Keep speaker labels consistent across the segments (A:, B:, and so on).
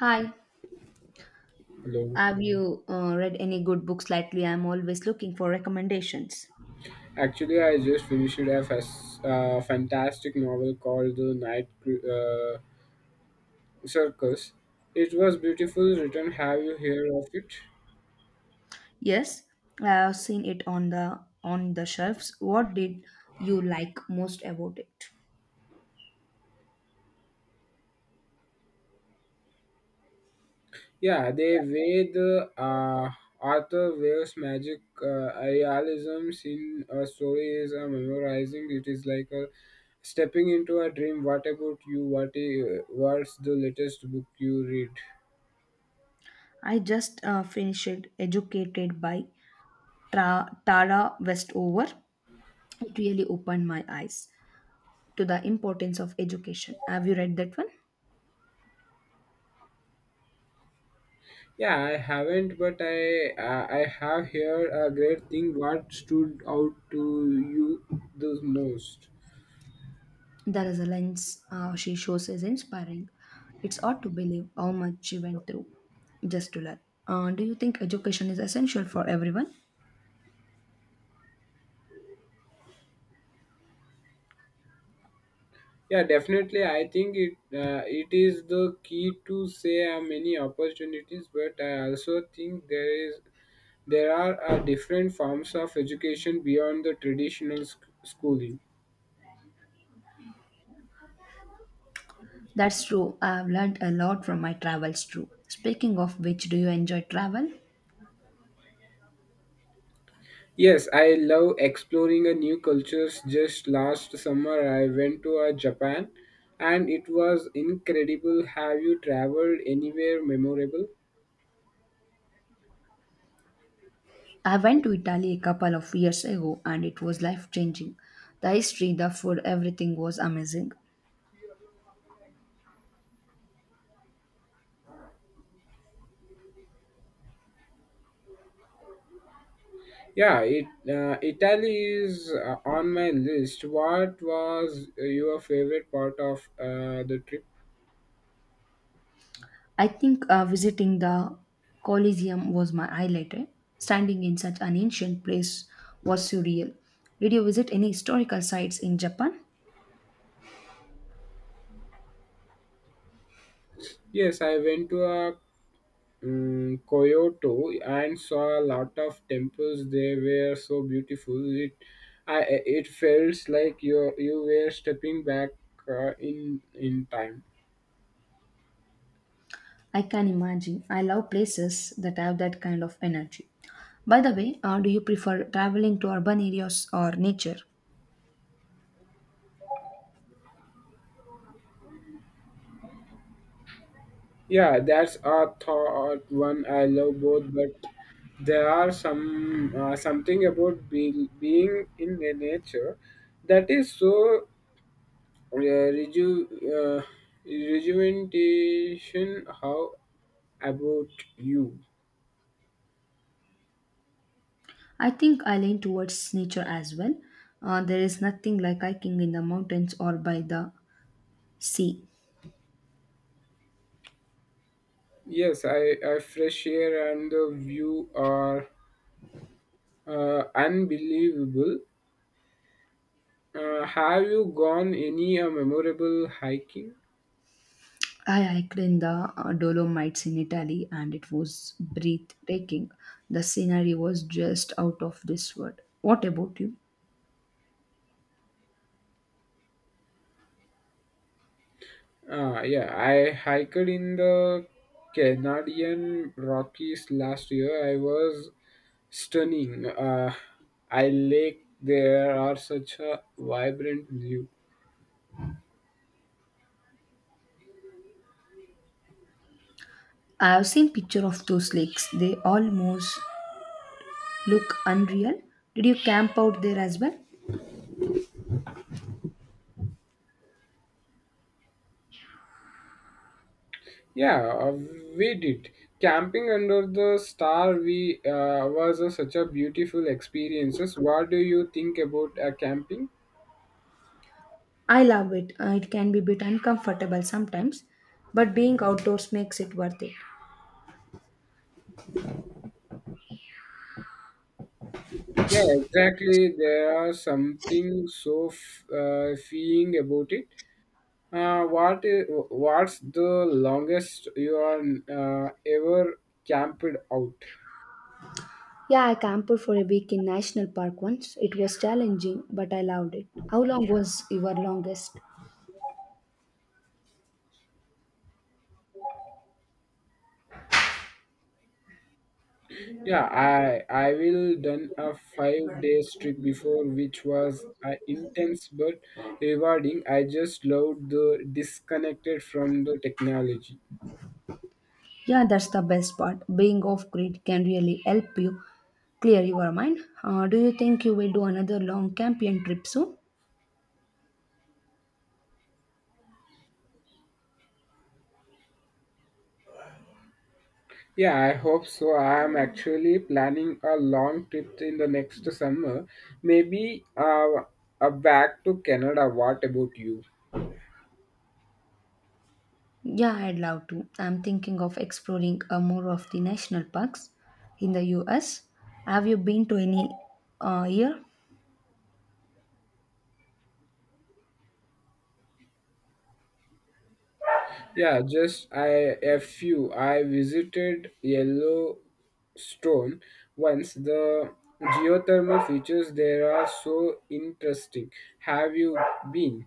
A: Hi,
B: Hello.
A: have you read any good books lately? I'm always looking for recommendations.
B: Actually, I just finished a fantastic novel called The Night Circus. It was beautiful written. Have you heard of it?
A: Yes, I have seen it on the shelves. What did you like most about it?
B: Yeah, they way the author weaves magic realism in a story is a memorizing. It is like a stepping into a dream. What about you? What's the latest book you read?
A: I just finished Educated by Tara Westover. It really opened my eyes to the importance of education. Have you read that one?
B: Yeah, I haven't, but I have heard a great thing. What stood out to you the most?
A: The resilience she shows is inspiring. It's hard to believe how much she went through just to learn. Do you think education is essential for everyone?
B: Yeah, definitely. I think it is the key to say many opportunities, but I also think there are different forms of education beyond the traditional schooling.
A: That's true. I've learned a lot from my travels too. Speaking of which, do you enjoy travel?
B: Yes, I love exploring a new cultures. Just last summer I went to Japan and it was incredible. Have you traveled anywhere memorable?
A: I went to Italy a couple of years ago and it was life changing. The history, the food, everything was amazing.
B: Yeah, it Italy is on my list. What was your favorite part of the trip?
A: I think visiting the Colosseum was my highlight. Eh? Standing in such an ancient place was surreal. Did you visit any historical sites in Japan?
B: Yes, I went to a Kyoto and saw a lot of temples. They were so beautiful. I, it felt like you were stepping back in time.
A: I can imagine. I love places that have that kind of energy. By the way, do you prefer traveling to urban areas or nature?
B: Yeah, that's a thought one I love both, but there are something about being in the nature that is so uh, reju, uh, rejuvenation. How about you?
A: I think I lean towards nature as well. There is nothing like hiking in the mountains or by the sea.
B: Yes, I fresh air and the view are unbelievable. Have you gone any memorable hiking?
A: I hiked in the Dolomites in Italy and it was breathtaking. The scenery was just out of this world. What about you?
B: Yeah, I hiked in the Canadian Rockies last year. I was stunning. I lake there are such a vibrant view.
A: I have seen picture of those lakes. They almost look unreal. Did you camp out there as well?
B: Yeah, we did. Camping under the star we was such a beautiful experiences. What do you think about camping?
A: I love it. It can be a bit uncomfortable sometimes, but being outdoors makes it worth it.
B: Yeah, exactly. There are something so freeing about it. What's the longest you are ever camped out?
A: Yeah, I camped for a week in national park once. It was challenging, but I loved it. How long was your longest?
B: Yeah, I will done a 5-day trip before, which was intense but rewarding. I just loved the disconnected from the technology.
A: Yeah, that's the best part. Being off grid can really help you clear your mind. Do you think you will do another long camping trip soon?
B: Yeah, I hope so. I am actually planning a long trip in the next summer, maybe back to Canada. What about you?
A: Yeah, I'd love to. I'm thinking of exploring more of the national parks in the US. Have you been to any year?
B: Yeah, just I a few. I visited Yellowstone once. The geothermal features there are so interesting. Have you been?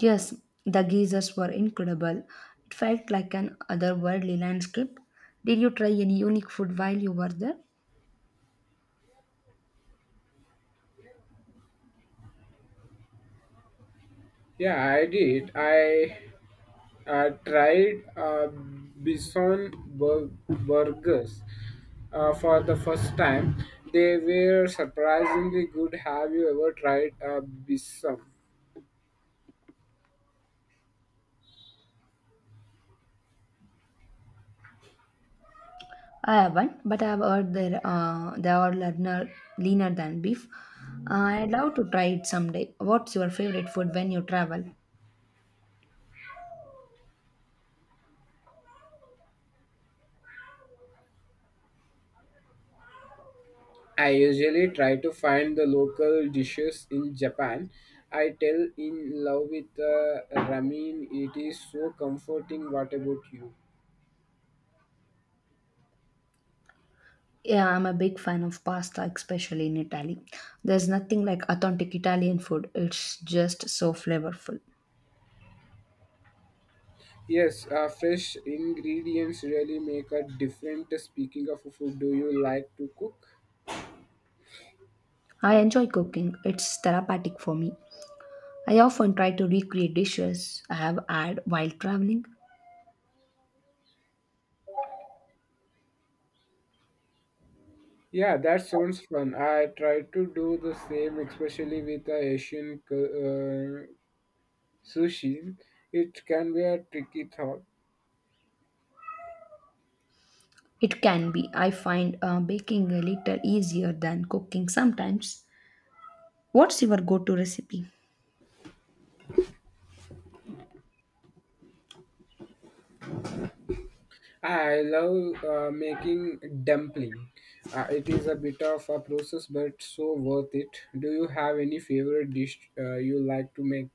A: Yes, the geysers were incredible. It felt like an otherworldly landscape. Did you try any unique food while you were there?
B: Yeah, I did. I tried bison burgers for the first time. They were surprisingly good. Have you ever tried a bison?
A: I haven't, but I've heard they are leaner than beef. I'd love to try it someday. What's your favorite food when you travel?
B: I usually try to find the local dishes in Japan. I tell in love with ramen. It is so comforting. What about you?
A: Yeah, I'm a big fan of pasta, especially in Italy. There's nothing like authentic Italian food. It's just so flavorful.
B: Yes, fresh ingredients really make a difference. Speaking of food, do you like to cook?
A: I enjoy cooking. It's therapeutic for me. I often try to recreate dishes I have had while traveling.
B: Yeah, that sounds fun. I try to do the same, especially with the Asian sushi. It can be a tricky thought.
A: It can be. I find baking a little easier than cooking sometimes. What's your go-to recipe?
B: I love making dumpling. It is a bit of a process, but so worth it. Do you have any favorite dish you like to make?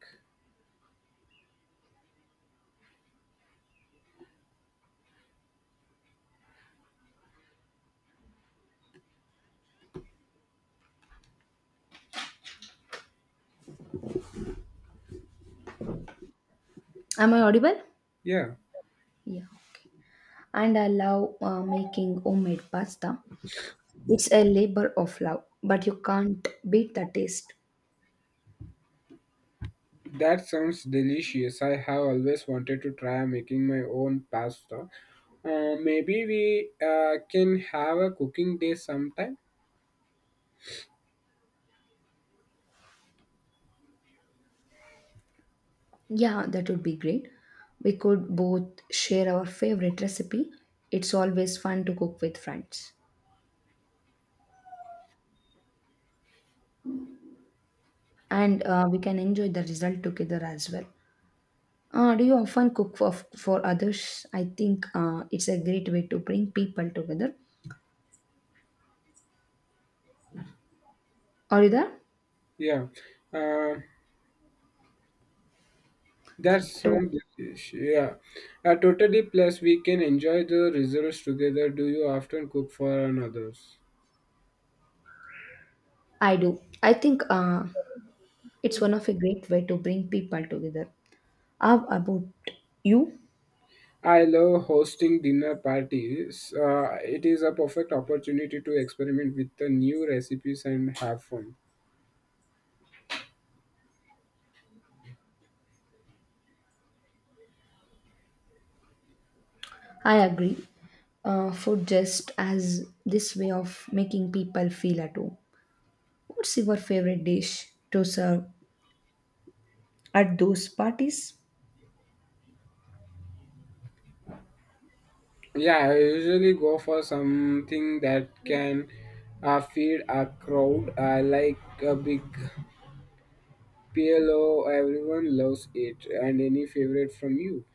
A: Am I audible?
B: Yeah,
A: Yeah. And I love making homemade pasta. It's a labor of love, but you can't beat the taste.
B: that sounds delicious. I have always wanted to try making my own pasta. Maybe we can have a cooking day sometime.
A: Yeah, that would be great. We could both share our favorite recipe. It's always fun to cook with friends. And we can enjoy the result together as well. Do you often cook for others? I think it's a great way to bring people together. Are you there?
B: Yeah, uh, that
A: To-
B: sounds delicious. Yeah, totally. Plus, we can enjoy the results together. Do you often cook for others?
A: I do. I think it's one of a great way to bring people together. How about you?
B: I love hosting dinner parties. It is a perfect opportunity to experiment with the new recipes and have fun.
A: I agree. Food just as this way of making people feel at home. What's your favorite dish to serve at those parties?
B: Yeah, I usually go for something that can feed a crowd. I like a big PLO. Everyone loves it. And any favorite from you?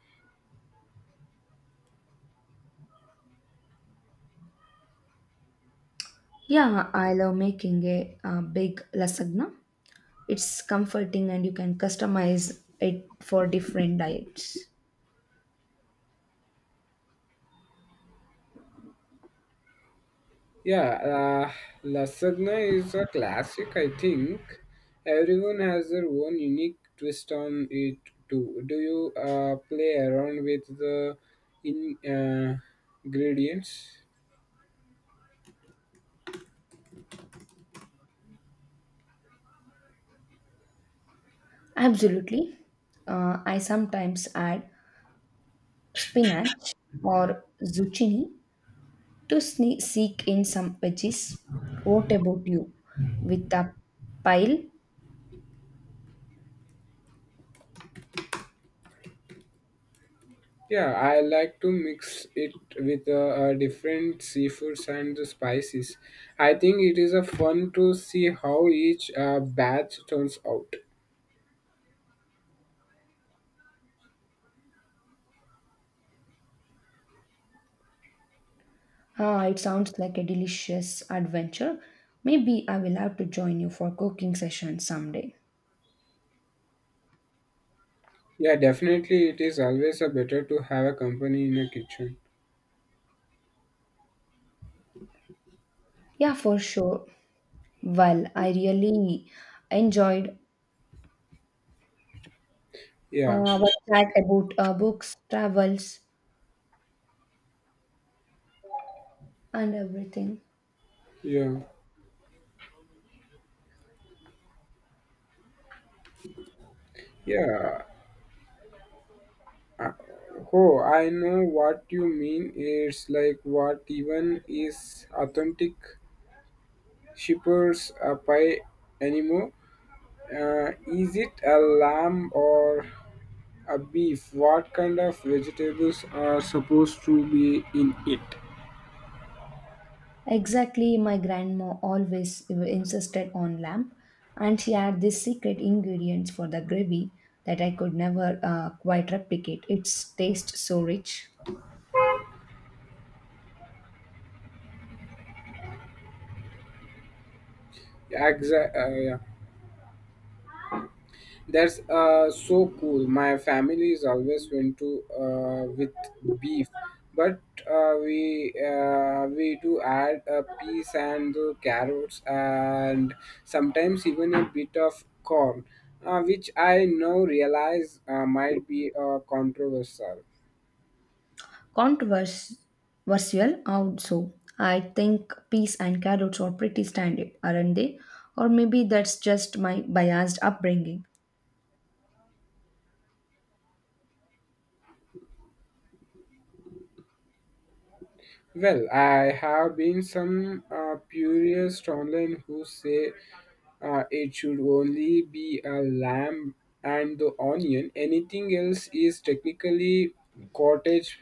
A: Yeah, I love making big lasagna. It's comforting and you can customize it for different diets.
B: Yeah, lasagna is a classic, I think. Everyone has their own unique twist on it too. Do you play around with the in, uh, ingredients?
A: Absolutely. I sometimes add spinach or zucchini to seek in some veggies. What about you? With a pile?
B: Yeah, I like to mix it with different seafoods and the spices. I think it is a fun to see how each batch turns out.
A: Ah, it sounds like a delicious adventure. Maybe I will have to join you for cooking session someday.
B: Yeah, definitely it is always a better to have a company in a kitchen.
A: Yeah, for sure. Well, I really enjoyed
B: Yeah,
A: our chat about books, travels, and everything.
B: yeah. Yeah. uh, Oh, I know what you mean. It's like what even is authentic shepherd's a pie anymore? Is it a lamb or a beef? What kind of vegetables are supposed to be in it?
A: Exactly, my grandma always insisted on lamb, and she had this secret ingredients for the gravy that I could never quite replicate. Its taste so rich,
B: Exactly. That's so cool. My family is always went to with beef, but we do add a peas and the carrots and sometimes even a bit of corn, which I now realize might be controversial.
A: controversial. Also, I think peas and carrots are pretty standard, aren't they? Or maybe that's just my biased upbringing.
B: Well, I have been some purists online who say it should only be a lamb and the onion. Anything else is technically cottage